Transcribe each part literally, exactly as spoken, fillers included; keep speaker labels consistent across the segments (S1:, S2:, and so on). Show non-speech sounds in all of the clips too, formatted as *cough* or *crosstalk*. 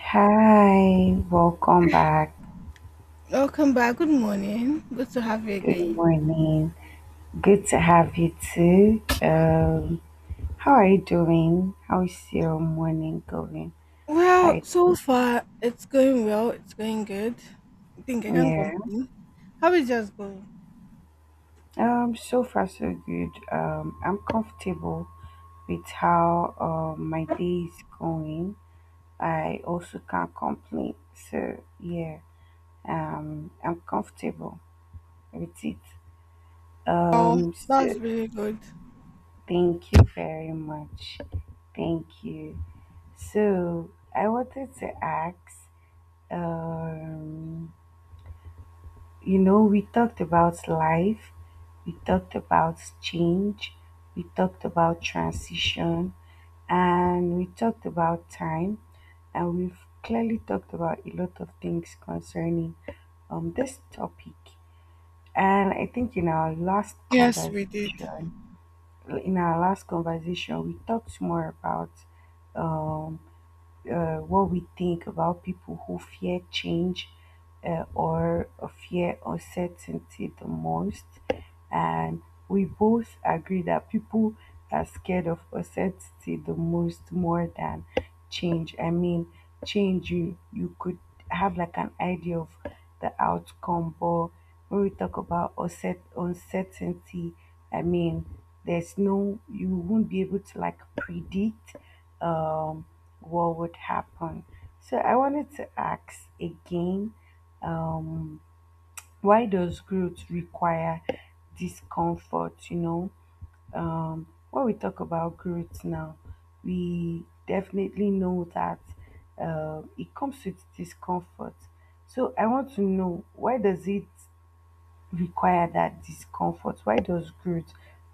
S1: Hi, welcome back.
S2: Welcome back. Good morning. Good to have you
S1: Good
S2: again.
S1: morning. Good to have you too. Um, how are you doing? How's your morning going?
S2: Well,
S1: By
S2: so
S1: the
S2: far it's going well. It's going good. I think I
S1: way,
S2: can't
S1: yeah.
S2: complain. How is yours going?
S1: Um, so far so good. Um, I'm comfortable with how um my day is going. I also can't complain. So yeah, um, I'm comfortable with it.
S2: Oh,
S1: Um, so
S2: that's really good.
S1: thank you very much. Thank you. So I wanted to ask, um, you know, we talked about life, we talked about change, we talked about transition, and we talked about time, and we've clearly talked about a lot of things concerning um this topic. And I think in our last
S2: Yes, we did.
S1: conversation, in our last conversation, we talked more about uh, what we think about people who fear change uh, or fear uncertainty the most. And we both agree that people are scared of uncertainty the most, more than change. I mean, change, you, you could have like an idea of the outcome, but when we talk about unset- uncertainty, I mean, there's no, you won't be able to like predict. Um, what would happen. So I wanted to ask again, why does growth require discomfort? You know, um, when we talk about growth now, we definitely know that uh, it comes with discomfort. So I want to know, why does it require that discomfort? Why does growth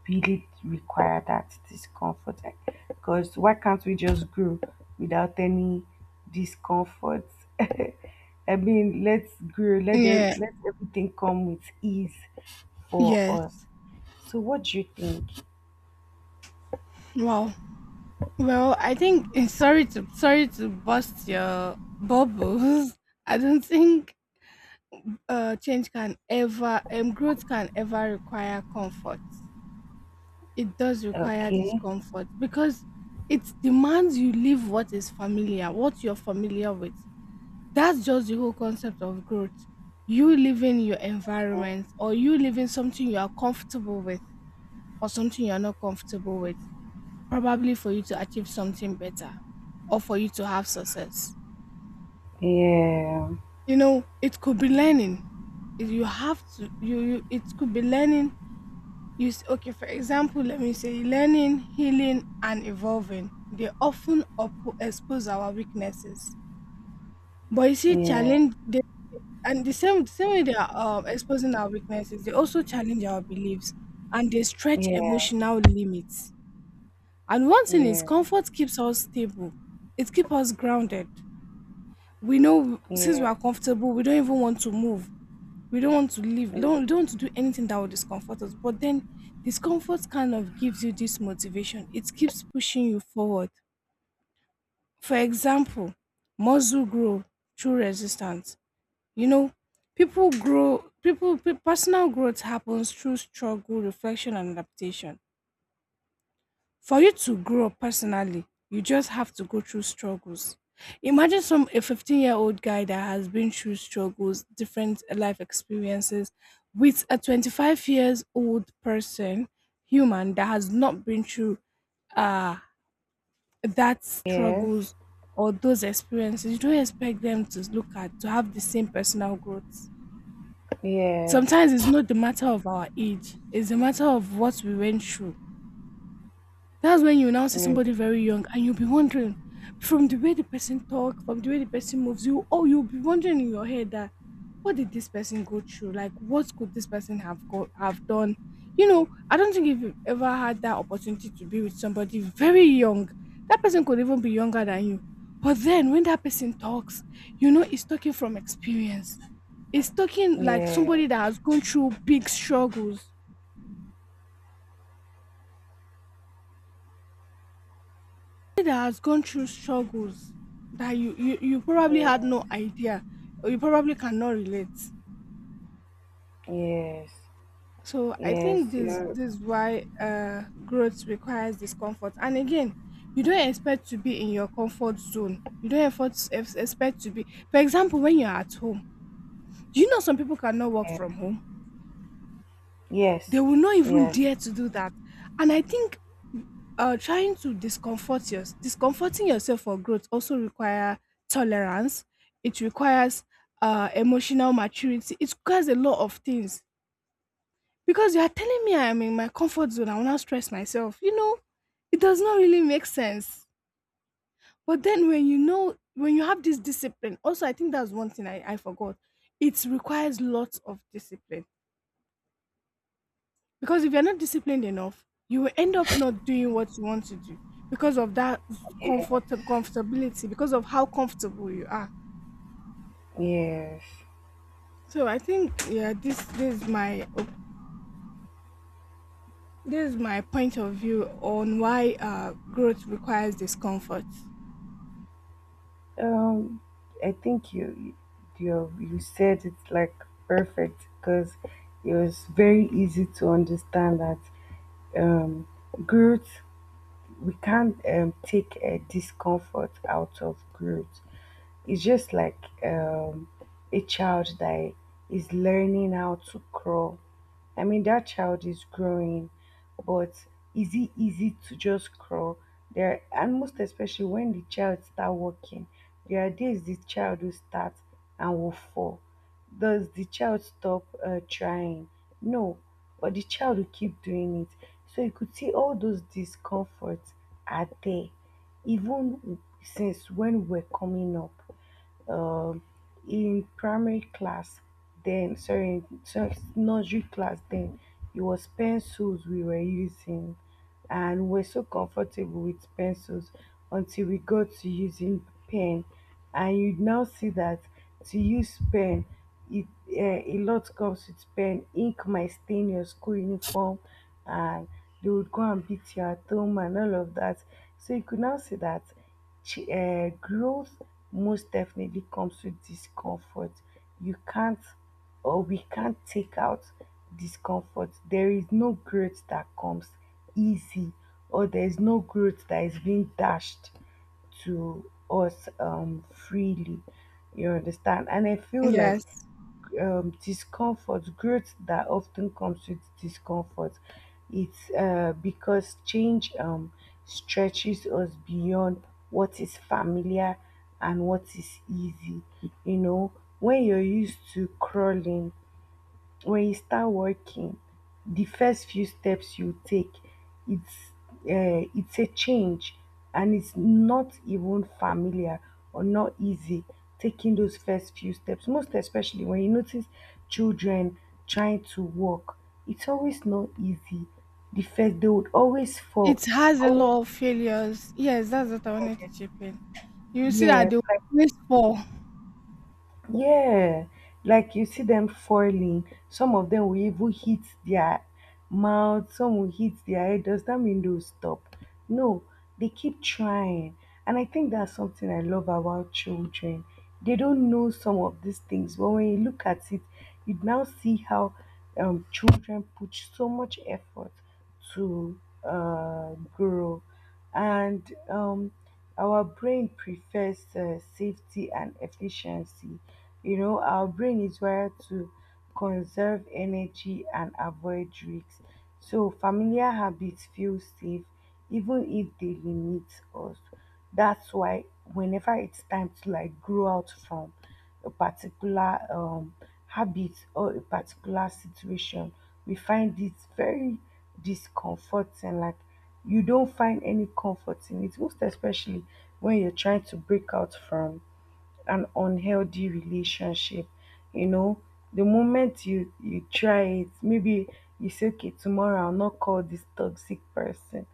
S1: really require that discomfort? Like, because why can't we just grow without any discomfort? *laughs* I mean, let's grow, let, ev-
S2: Yeah.
S1: let everything come with ease for us.
S2: Yes.
S1: So, what do you think?
S2: Wow. Well, I think eh, sorry to sorry to bust your bubbles. *laughs* I don't think uh change can ever um growth can ever require comfort. It does require
S1: Okay.
S2: discomfort because it demands you leave what is familiar, what you're familiar with. That's just the whole concept of growth. You leaving your
S1: Okay.
S2: environment or you leaving something you are comfortable with for something you're not comfortable with, probably for you to achieve something better or for you to have success.
S1: Yeah,
S2: You know, it could be learning. If You have to, you, you it could be learning You okay, for example, let me say learning, healing, and evolving, they often up- expose our weaknesses. But you see,
S1: yeah,
S2: challenge they, and the same the same way they are um, exposing our weaknesses, they also challenge our beliefs and they stretch
S1: yeah,
S2: emotional limits. And one thing is,
S1: yeah,
S2: comfort keeps us stable. It keeps us grounded. We know since we
S1: yeah,
S2: are comfortable, we don't even want to move, we don't want to live
S1: yeah.
S2: don't don't want to do anything that will discomfort us, but then discomfort kind of gives you this motivation, it keeps pushing you forward. For example, muscle grow through resistance. You know, people grow people pe- personal growth happens through struggle, reflection, and adaptation. For you to grow up personally, you just have to go through struggles. Imagine some a fifteen-year-old guy that has been through struggles, different life experiences, with a twenty-five years old person, human that has not been through uh that
S1: Yes,
S2: struggles or those experiences. You don't expect them to look at to have the same personal growth.
S1: yes,
S2: Sometimes it's not the matter of our age, it's the matter of what we went through. That's when you now see
S1: yeah,
S2: somebody very young and you'll be wondering, from the way the person talk, from the way the person moves you, oh, you'll be wondering in your head that, what did this person go through? Like what could this person have got have done? You know, I don't think, if you've ever had that opportunity to be with somebody very young, that person could even be younger than you. But then when that person talks, you know he's talking from experience. He's talking like
S1: yeah,
S2: somebody that has gone through big struggles, that has gone through struggles that you, you you probably had
S1: yeah,
S2: no idea or you probably cannot relate.
S1: yes.
S2: So I think
S1: Yes,
S2: this
S1: you're,
S2: this is why uh growth requires discomfort. And again, you don't expect to be in your comfort zone, you don't effort, ex- expect to be, for example, when you're at home, do you know some people cannot work
S1: yeah.
S2: from home?
S1: Yes,
S2: They will not even
S1: yes,
S2: dare to do that. And I think uh, trying to discomfort yours discomforting yourself for growth also require tolerance, it requires uh, emotional maturity, it requires a lot of things. Because you are telling me I'm in my comfort zone, I want to stress myself, you know, it does not really make sense. But then when you know, when you have this discipline, also I think that's one thing i, I forgot, it requires lots of discipline. Because if you're not disciplined enough, you will end up not doing what you want to do because of that
S1: yeah,
S2: comfort comfortability, because of how comfortable you are.
S1: yes.
S2: So I think, yeah, this this is my op- this is my point of view on why uh, growth requires discomfort.
S1: Um, I think you, you, you said it like perfect because it was very easy to understand that um, growth. We can't um, take a discomfort out of growth. It's just like um, a child that is learning how to crawl. I mean, that child is growing, but is it easy to just crawl? There, and most especially when the child start walking, there are days the child will start and will fall. Does the child stop uh, trying? No, but the child will keep doing it. So you could see all those discomforts are there, even since when we're coming up, um, in primary class then, sorry sorry, nursery class, then it was pencils we were using, and we're so comfortable with pencils until we got to using pen. And you now see that to use pen, it uh, a lot comes with pen. Ink might stain your school uniform, and they would go and beat you at home and all of that. So you could now see that ch- uh, growth most definitely comes with discomfort. You can't, or we can't take out discomfort. There is no growth that comes easy, or there is no growth that is being dashed to us um, freely. You understand? And I feel like
S2: Yes,
S1: um, discomfort, growth that often comes with discomfort. It's uh, because change um, stretches us beyond what is familiar and what is easy. You know, when you're used to crawling, when you start working, the first few steps you take, it's uh, it's a change, and it's not even familiar or not easy taking those first few steps. Most especially when you notice children trying to walk, it's always not easy. The first, they would always fall.
S2: it has a
S1: Always.
S2: lot of failures. Yes, that's what I wanted to chip in. You see that
S1: Yes.
S2: they always fall.
S1: Yeah, like you see them falling. Some of them will even hit their mouth, some will hit their head. Does that mean they'll stop? No, they keep trying. And I think that's something I love about children. They don't know some of these things, but when you look at it, you now see how um, children put so much effort to uh, grow. And um, our brain prefers uh, safety and efficiency. You know, our brain is wired to conserve energy and avoid risks. So, familiar habits feel safe even if they limit us. That's why, whenever it's time to like grow out from a particular um, habit or a particular situation, we find it very discomforting. Like, you don't find any comfort in it, most especially when you're trying to break out from an unhealthy relationship. You know, the moment you you try it, maybe you say, okay, tomorrow I'll not call this toxic person,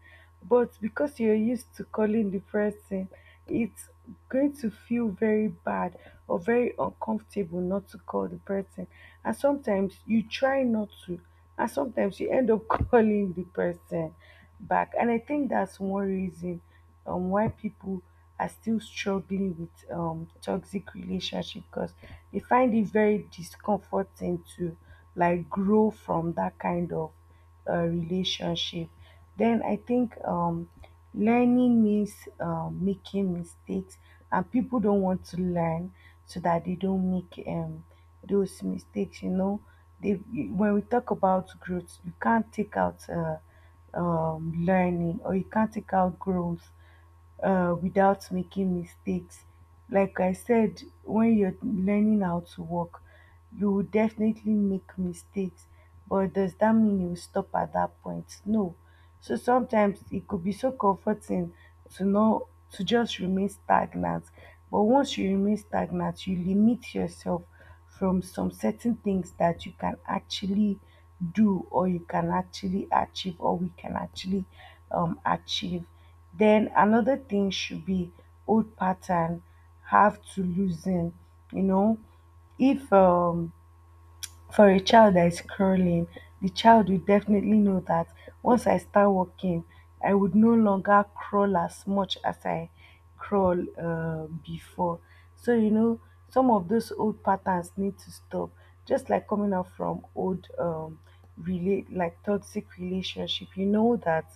S1: but because you're used to calling the person, it's going to feel very bad or very uncomfortable not to call the person. And sometimes you try not to, and sometimes you end up *laughs* calling the person back. And I think that's one reason um, why people are still struggling with um, toxic relationship, because they find it very discomforting to like grow from that kind of uh, relationship. Then I think um, learning means um, making mistakes, and people don't want to learn so that they don't make um, those mistakes. You know, they when we talk about growth, you can't take out. Uh, um, learning, or you can't take out growth uh, without making mistakes. Like I said, when you're learning how to walk, you will definitely make mistakes. But does that mean you will stop at that point? No. So sometimes it could be so comforting to know to just remain stagnant. But once you remain stagnant, you limit yourself from some certain things that you can actually do, or you can actually achieve, or we can actually um, achieve. Then another thing should be, old pattern have to loosen. You know, if um, for a child that is crawling, the child will definitely know that once I start walking, I would no longer crawl as much as I crawl uh, before. So, you know, some of those old patterns need to stop. Just like coming out from old, um, relate like toxic relationship, you know that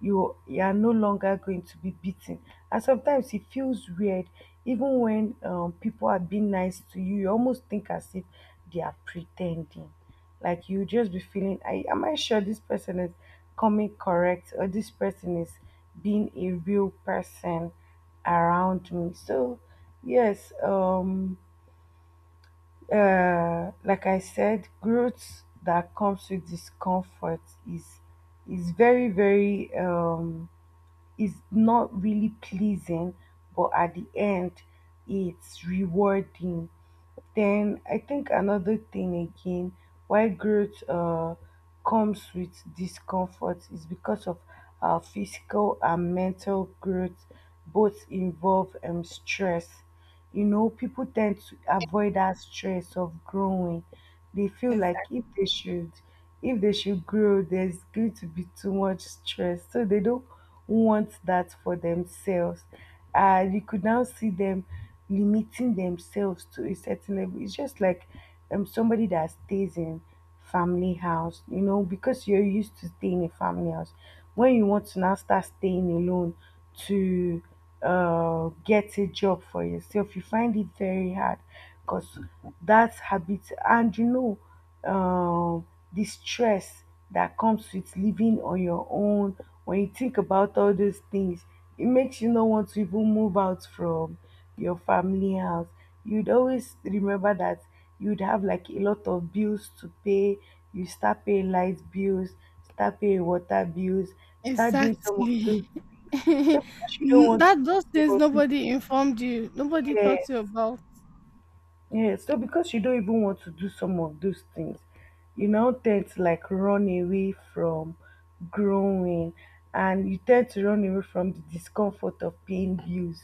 S1: you you are no longer going to be beaten. And sometimes it feels weird, even when um, people are being nice to you, you almost think as if they are pretending. Like you just be feeling, I am I sure this person is coming correct, or this person is being a real person around me. So yes, um, uh, like I said, growth that comes with discomfort is is very, very um is not really pleasing, but at the end, it's rewarding. Then I think another thing again, why growth uh, comes with discomfort, is because of our physical and mental growth both involve um, stress. You know, people tend to avoid that stress of growing. They feel like
S2: Exactly.
S1: if they should if they should grow, there's going to be too much stress. So they don't want that for themselves. And you could now see them limiting themselves to a certain level. It's just like um, somebody that stays in family house. You know, because you're used to staying in family house, when you want to now start staying alone to uh, get a job for yourself, you find it very hard, because that's habit. And you know, um, the stress that comes with living on your own, when you think about all those things, it makes you not want to even move out from your family house. You'd always remember that you'd have like a lot of bills to pay. You start paying light bills, start paying water bills, start doing some of those things. So
S2: *laughs*
S1: because you don't
S2: N-
S1: want to
S2: that
S1: do
S2: those
S1: some
S2: things
S1: of the,
S2: nobody informed you, nobody taught you
S1: yes,
S2: about.
S1: yeah, so because you don't even want to do some of those things, you now tend to like run away from growing, and you tend to run away from the discomfort of paying bills,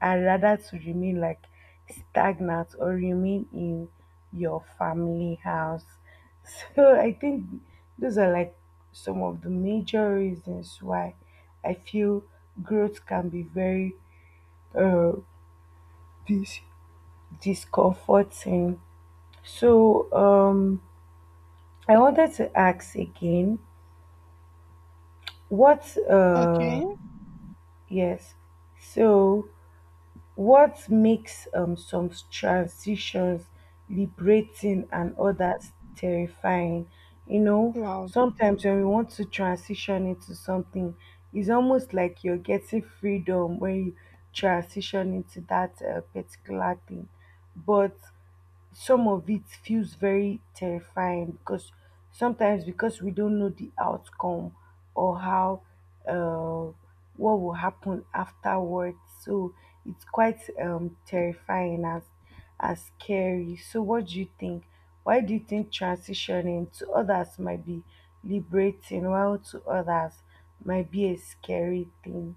S1: and rather to remain like stagnant or remain in your family house. *laughs* So I think those are like some of the major reasons why I feel growth can be very uh dis- discomforting. So um, I wanted to ask again, what uh,
S2: Okay.
S1: yes, so what makes um, some transitions liberating and others terrifying? You know,
S2: Wow.
S1: sometimes when we want to transition into something, it's almost like you're getting freedom when you transition into that uh, particular thing. But some of it feels very terrifying, because sometimes, because we don't know the outcome, or how uh, what will happen afterwards. So it's quite um, terrifying, as as scary. So what do you think? Why do you think transitioning to others might be liberating, while to others might be a scary thing?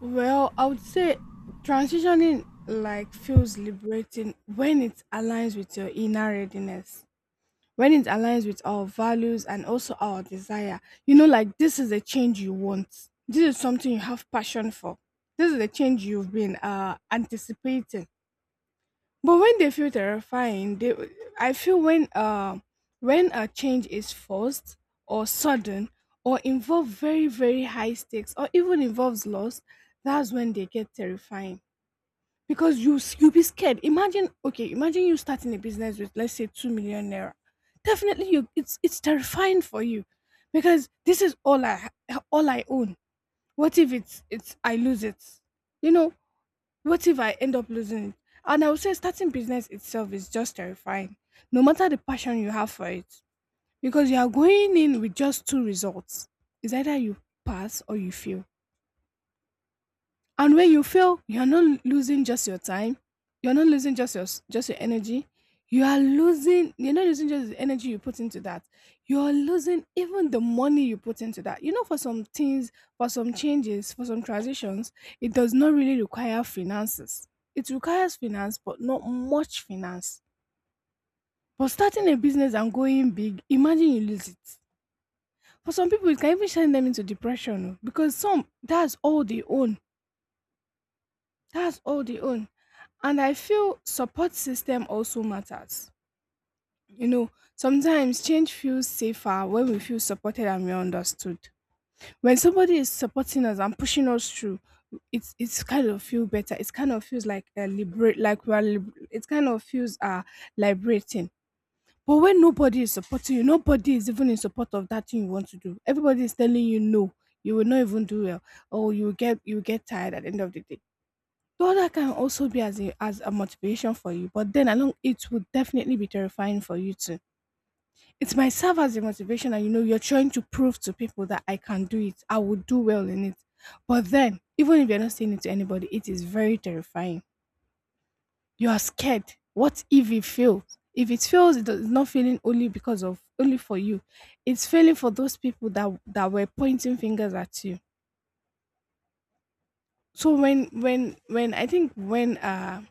S2: Well, I would say transitioning like feels liberating when it aligns with your inner readiness. When it aligns with our values and also our desire. You know, like this is a change you want. This is something you have passion for. This is the change you've been uh anticipating. But when they feel terrifying, they I feel when uh when a change is forced or sudden or involve very very high stakes or even involves loss, that's when they get terrifying because you s- you be scared. Imagine, okay, imagine you starting a business with let's say two million naira. Definitely, you it's it's terrifying for you because this is all I ha- all I own. What if it's it's I lose it? You know, what if I end up losing it? And I would say starting business itself is just terrifying, no matter the passion you have for it, because you are going in with just two results. It's either you pass or you fail. And when you fail, you're not losing just your time, you're not losing just your s- just your energy. You are losing. You're not losing just the energy you put into that. You are losing even the money you put into that. You know, for some things, for some changes, for some transitions, it does not really require finances. It requires finance, but not much finance. But starting a business and going big, imagine you lose it. For some people, it can even send them into depression, oh, because some that's all they own. That's all they own. And I feel support system also matters. You know, sometimes change feels safer when we feel supported and we are understood. When somebody is supporting us and pushing us through, it's it's kind of feel better. It's kind of feels like a liberate, like we are. Lib- it kind of feels uh liberating. But when nobody is supporting you, nobody is even in support of that thing you want to do. Everybody is telling you no, you will not even do well, or you will get you will get tired at the end of the day. Well, that can also be as a as a motivation for you, but then along it would definitely be terrifying for you too. It might serve as a motivation, and you know you're trying to prove to people that I can do it, I would do well in it. But then, even if you're not saying it to anybody, it is very terrifying. You are scared. What if it fails? If it fails, it is not failing only because of only for you. It's failing for those people that that were pointing fingers at you. So when when when I think when uh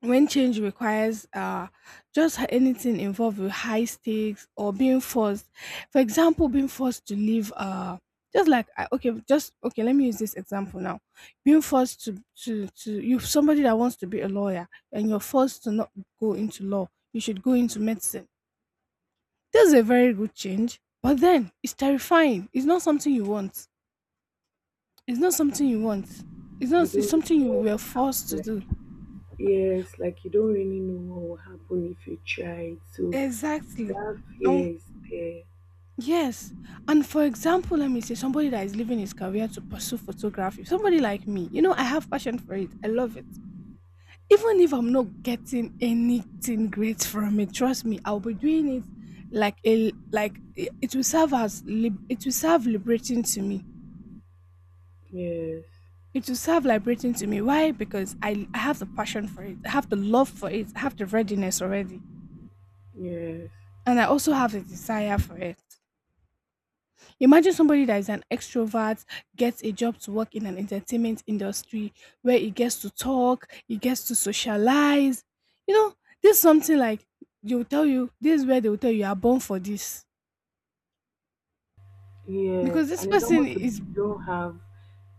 S2: When change requires uh, just anything involved with high stakes or being forced, for example, being forced to leave, uh, just like I- okay, just okay, let me use this example now. Being forced to to to you somebody that wants to be a lawyer and you're forced to not go into law, you should go into medicine. That's a very good change, but then it's terrifying. It's not something you want. It's not something you want. It's
S1: You
S2: not. It's
S1: don't
S2: something
S1: know
S2: you
S1: what
S2: were
S1: will happen.
S2: forced to do.
S1: Like, yes, like you don't really know what will happen if you try. So
S2: Exactly.
S1: that
S2: And
S1: fear is there.
S2: yes. And for example, let me say somebody that is leaving his career to pursue photography, somebody like me. You know, I have passion for it. I love it. Even if I'm not getting anything great from it, trust me, I'll be doing it, like a like it it will serve as lib- it will serve liberating to me.
S1: Yes,
S2: It will serve liberating to me. Why? Because I, I have the passion for it. I have the love for it. I have the readiness already.
S1: yes,
S2: And I also have the desire for it. Imagine somebody that is an extrovert gets a job to work in an entertainment industry where he gets to talk, he gets to socialize. You know, this is something like they will tell you, this is where they will tell you, you are born for this. Because
S1: yes.
S2: this
S1: And it's
S2: person
S1: almost like
S2: is,
S1: you don't have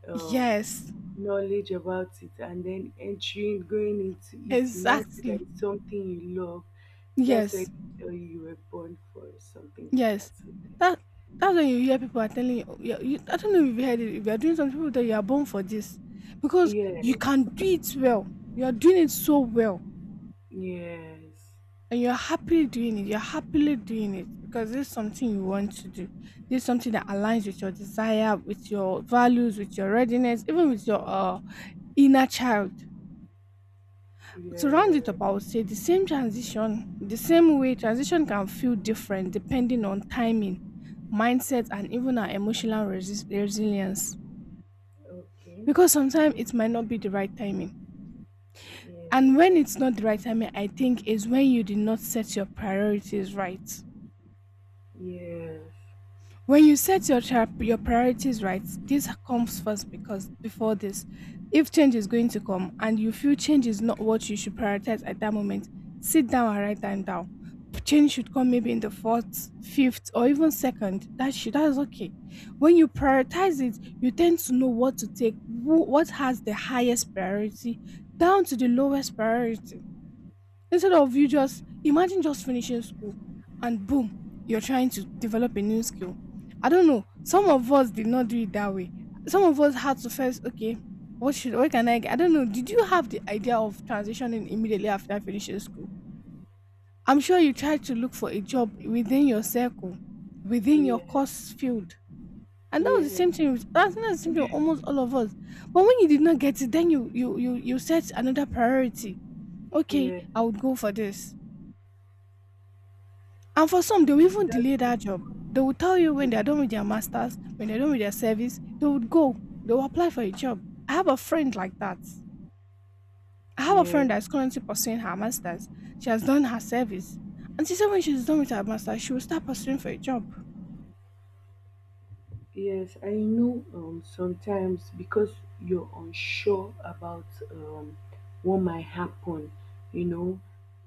S1: um,
S2: yes,
S1: knowledge about it, and then entering, going into it, you now see
S2: exactly.
S1: that it's something you love. That's why
S2: Yes,
S1: they tell you you were born for something like
S2: yes.
S1: that. So,
S2: That, that's when you hear people are telling you, you, you I don't know if you heard it, if you are doing something, people tell you you are born for this. Because you
S1: yes,
S2: can do it well. You are doing it so well.
S1: yes,
S2: And you're happily doing it. You're happily doing it because this is something you want to do. This is something that aligns with your desire, with your values, with your readiness, even with your uh, inner child. To round it
S1: yes.
S2: up, I would say the same transition, the same way transition can feel different depending on timing, mindset, and even our emotional resi- resilience.
S1: Okay.
S2: Because sometimes it might not be the right timing. And
S1: Yes,
S2: when it's not the right timing, I think is when you did not set your priorities right.
S1: yes,
S2: When you set your char- your priorities right, this comes first, because before this, if change is going to come and you feel change is not what you should prioritize at that moment, sit down and write them down. Change should come maybe in the fourth, fifth, or even second, that should, that's okay. When you prioritize it, you tend to know what to take, who, what has the highest priority down to the lowest priority. Instead of you, just imagine just finishing school and boom, you're trying to develop a new skill. I don't know, some of us did not do it that way. Some of us had to first, okay, what should what can I get? I don't know. Did you have the idea of transitioning immediately after finishing school? I'm sure you tried to look for a job within your circle, within your
S1: yes,
S2: course field. And that was the
S1: yes,
S2: same thing. with- That's not the same thing with almost all of us. But when you did not get it, then you you you you set another priority. Okay,
S1: yes.
S2: I would go for this. And for some, they will
S1: You
S2: even
S1: start
S2: delay that job.
S1: looking.
S2: They will tell you, when they are done with their masters, when they're done with their service, they would go. They will apply for a job. I have a friend like that. I have a friend
S1: Yes.
S2: that is currently pursuing her masters. She has done her service. And she said when she's done with her masters, she will start pursuing for a job.
S1: Yes, I know um, sometimes because you're unsure about um, what might happen, you know,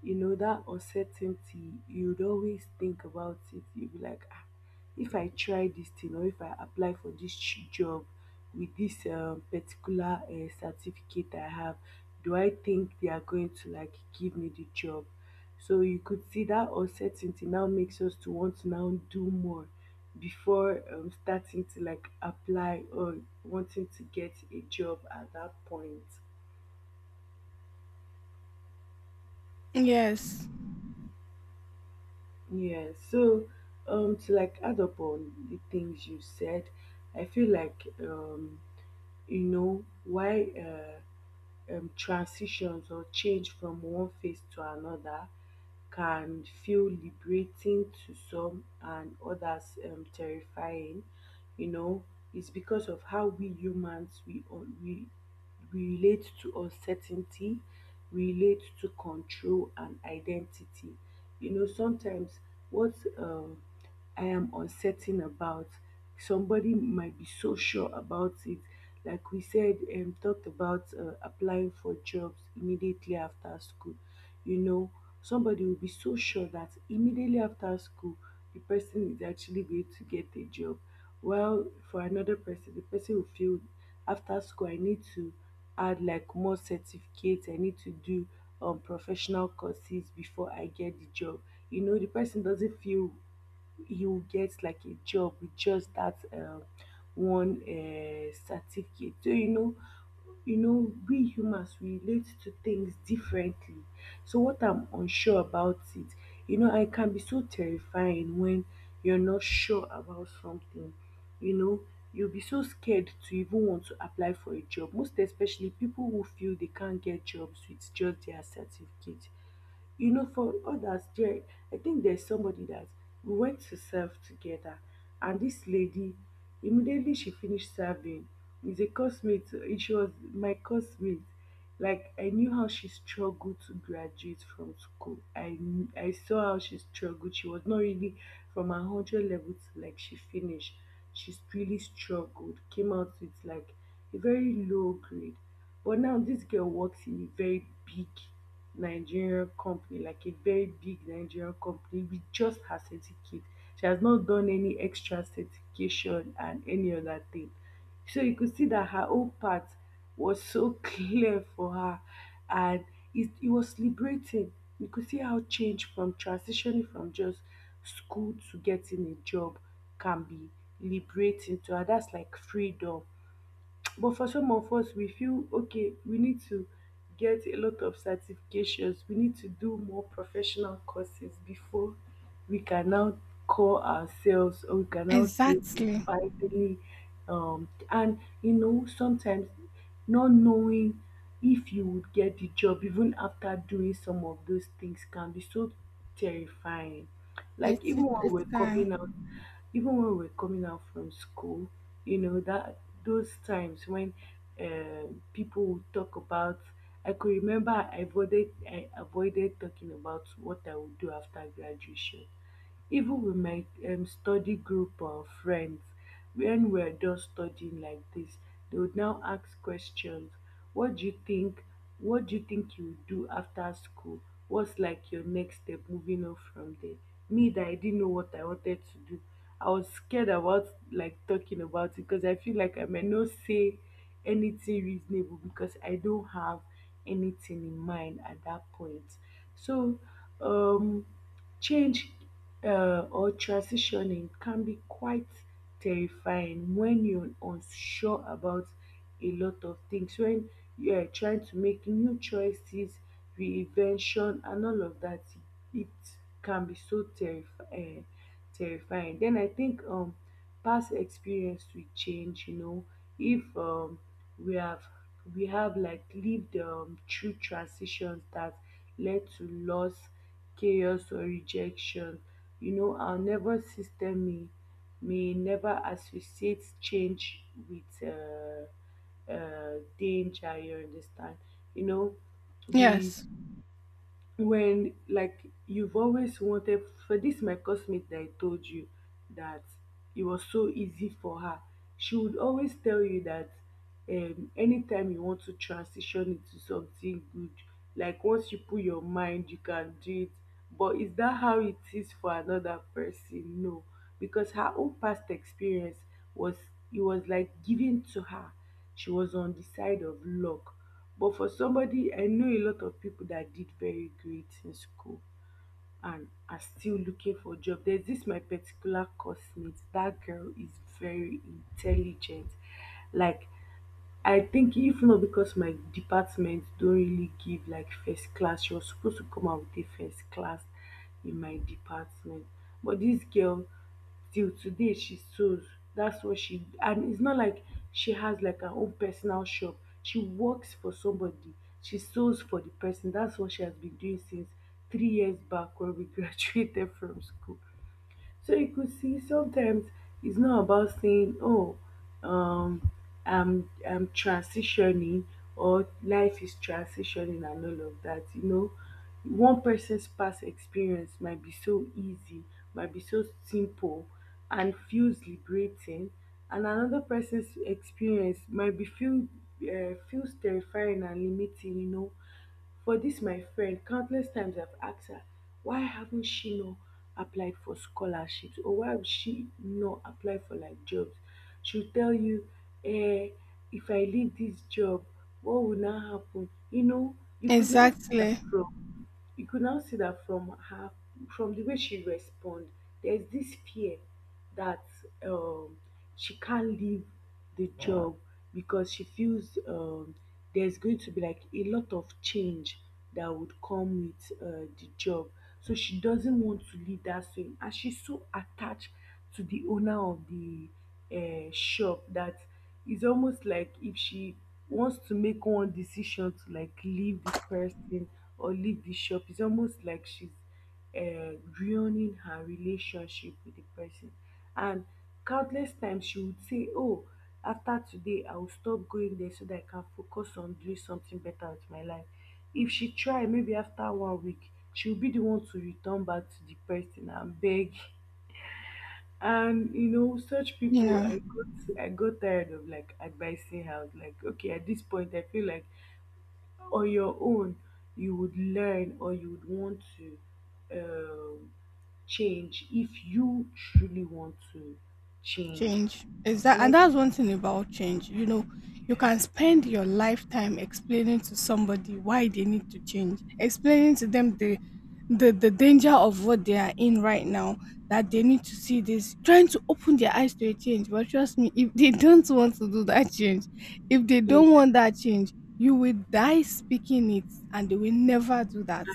S1: you know that uncertainty, you'd always think about it. You'd be like, ah, if I try this thing or if I apply for this ch- job with this um particular uh, certificate I have, do I think they are going to like give me the job? So you could see that uncertainty now makes us to want to now do more before um, starting to like apply or wanting to get a job at that point.
S2: Yes.
S1: Yeah, so um to like add up on the things you said, I feel like um you know why uh um, transitions or change from one phase to another can feel liberating to some and others um, terrifying, you know. It's because of how we humans we un- we we relate to uncertainty, relate to control and identity. You know, sometimes what um, I am uncertain about, somebody might be so sure about it. Like we said, um talked about uh, applying for jobs immediately after school. You know, somebody will be so sure that immediately after school the person is actually going to get a job, while for another person the person will feel after school I need to add like more certificates, I need to do um professional courses before I get the job. You know, the person doesn't feel you get like a job with just that um, one uh, certificate. So you know, you know, we humans we relate to things differently. So what I'm unsure about it, you know, I can be so terrifying when you're not sure about something. You know, you'll be so scared to even want to apply for a job. Most especially people who feel they can't get jobs with just their certificate. You know, for others there, I think there's somebody that we went to serve together, and this lady, immediately she finished serving, is a classmate. She was my classmate. Like I knew how she struggled to graduate from school. i kn- I saw how she struggled. She was not really from a one hundred level to like she finished. She really struggled, came out with like a very low grade, but now this girl works in a very big Nigerian company, like a very big Nigerian company with just her certificate. She has not done any extra certification and any other thing. So you could see that her own path was so *laughs* clear for her, and it, it was liberating. You could see how change from transitioning from just school to getting a job can be liberating to her. That's like freedom. But for some of us, we feel okay, we need to get a lot of certifications, we need to do more professional courses before we can now call ourselves or we can now say we
S2: Exactly.
S1: finally um and you know sometimes not knowing if you would get the job even after doing some of those things can be so terrifying. Like
S2: It's
S1: even when
S2: it's
S1: we're
S2: kind.
S1: coming out, even when we're coming out from school, you know that those times when um, people would talk about, I could remember i avoided I avoided talking about what I would do after graduation, even with my um, study group or friends. When we're just studying like this, they would now ask questions: what do you think, what do you think you would do after school, what's like your next step moving on from there. Me that I didn't know what I wanted to do, I was scared about like talking about it because I feel like I may not say anything reasonable because I don't have anything in mind at that point. So um change uh, or transitioning can be quite terrifying when you're unsure about a lot of things, when you're trying to make new choices, reinvention, and all of that. It can be so terrifying. Terrifying. Then I think um, past experience will change. You know, if um, we have, we have like lived um, through transitions that led to loss, chaos, or rejection, you know our nervous system may may never associate change with uh, uh, danger, you understand. You know, we,
S2: Yes.
S1: when like you've always wanted, for this my classmate that I told you that it was so easy for her. She would always tell you that um anytime you want to transition into something good, like once you put your mind you can do it. But is that how it is for another person? No. Because her own past experience was, it was like given to her. She was on the side of luck, but for somebody, I know a lot of people that did very great in school and are still looking for a job. There's this my particular coursemate. That girl is very intelligent. Like I think if not because my department don't really give like first class, you're supposed to come out with a first class in my department. But this girl, till today, she sews. That's what she, and it's not like she has like her own personal shop. She works for somebody. She sews for the person. That's what she has been doing since three years back when we *laughs* graduated from school. So you could see sometimes it's not about saying, "Oh, um, I'm I'm transitioning" or "Life is transitioning" and all of that. You know, one person's past experience might be so easy, might be so simple, and feels liberating, and another person's experience might be feel uh, feels terrifying and limiting. You know, for this, my friend, countless times I've asked her why haven't she not applied for scholarships or why have she not applied for like jobs. She'll tell you "eh, if I leave this job what will now happen?" You know you could now see that
S2: Exactly.
S1: from, you could now see that from her, from the way she respond, there's this fear that um she can't leave the job because she feels um there's going to be like a lot of change that would come with uh, the job. So she doesn't want to leave that same, and she's so attached to the owner of the uh, shop, that it's almost like if she wants to make one decision to like leave the person or leave the shop, it's almost like she's uh, ruining her relationship with the person. And countless times she would say, "Oh, after today I will stop going there so that I can focus on doing something better with my life." If she try, maybe after one week she will be the one to return back to the person and beg. And you know such
S2: You
S1: people,
S2: know,
S1: i got I got tired of like advising her. I was like, okay, at this point I feel like on your own you would learn, or you would want to um change if you truly want to change.
S2: change is that,
S1: And I,
S2: and that's one thing about change. You know, you
S1: yeah,
S2: can spend your lifetime explaining to somebody why they need to change, explaining to them the the, the danger of what they are in right now, that they need to see this, trying to open their eyes to a change. But trust me, if they don't want to do that change, if they
S1: and
S2: don't want that change, you will die speaking it, and they will never do that.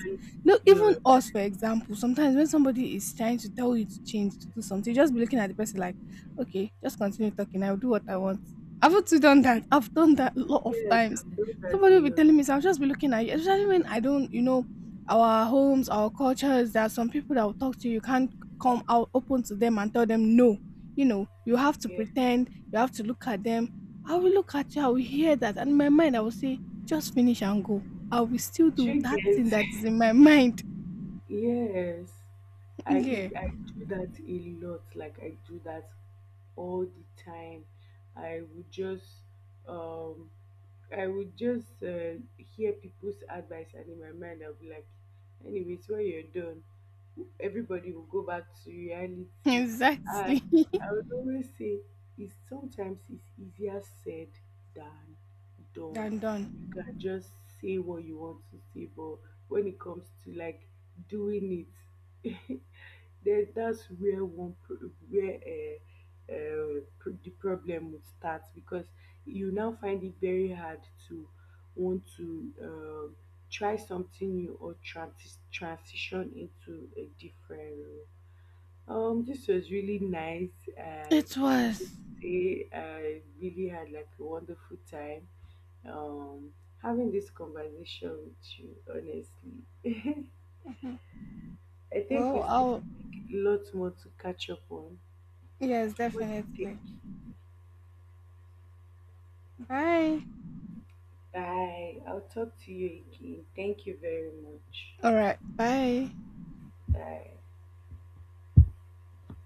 S2: No,
S1: your.
S2: even us, for example, sometimes when somebody is trying to tell you to change, to do something, you just be looking at the person like, okay, just continue talking, I'll do what I want. Haven't you done that? I've done that a lot of
S1: Yes,
S2: times.
S1: I've done that
S2: Somebody
S1: a
S2: will be
S1: lot.
S2: telling me, so I'll just be looking at you, especially when I don't, you know, our homes, our cultures, there are some people that will talk to you. You can't come out open to them and tell them no. You know, you have to
S1: Yeah.
S2: pretend, you have to look at them. I will look at you, I will hear that. And in my mind, I will say, just finish and go. I will still do
S1: Three
S2: that thing
S1: girls.
S2: that
S1: *laughs*
S2: is in my mind.
S1: Yes,
S2: *laughs*
S1: I
S2: Yeah.
S1: I do that a lot. Like I do that all the time. I would just um I would just uh, hear people's advice and in my mind I'll be like, anyways, when you're done, everybody will go back to
S2: *laughs*
S1: reality.
S2: Exactly.
S1: And
S2: *laughs*
S1: I would always say it's sometimes it's easier said than done.
S2: Than done.
S1: You can just say what you want to say, but when it comes to like doing it *laughs* then that's where one pro- where uh, uh, pro- the problem would start because you now find it very hard to want to um try something new or transi- transition into a different role. Um, this was really nice. I
S2: It
S1: would
S2: was.
S1: say I really had like a wonderful time um having this conversation with you, honestly.
S2: Mhm.
S1: I think
S2: Well,
S1: we still
S2: I'll,
S1: have lots more to catch up on.
S2: yes,
S1: What do you think?
S2: definitely. Bye.
S1: Bye. I'll talk to you again. Thank you very much.
S2: All right. Bye.
S1: Bye.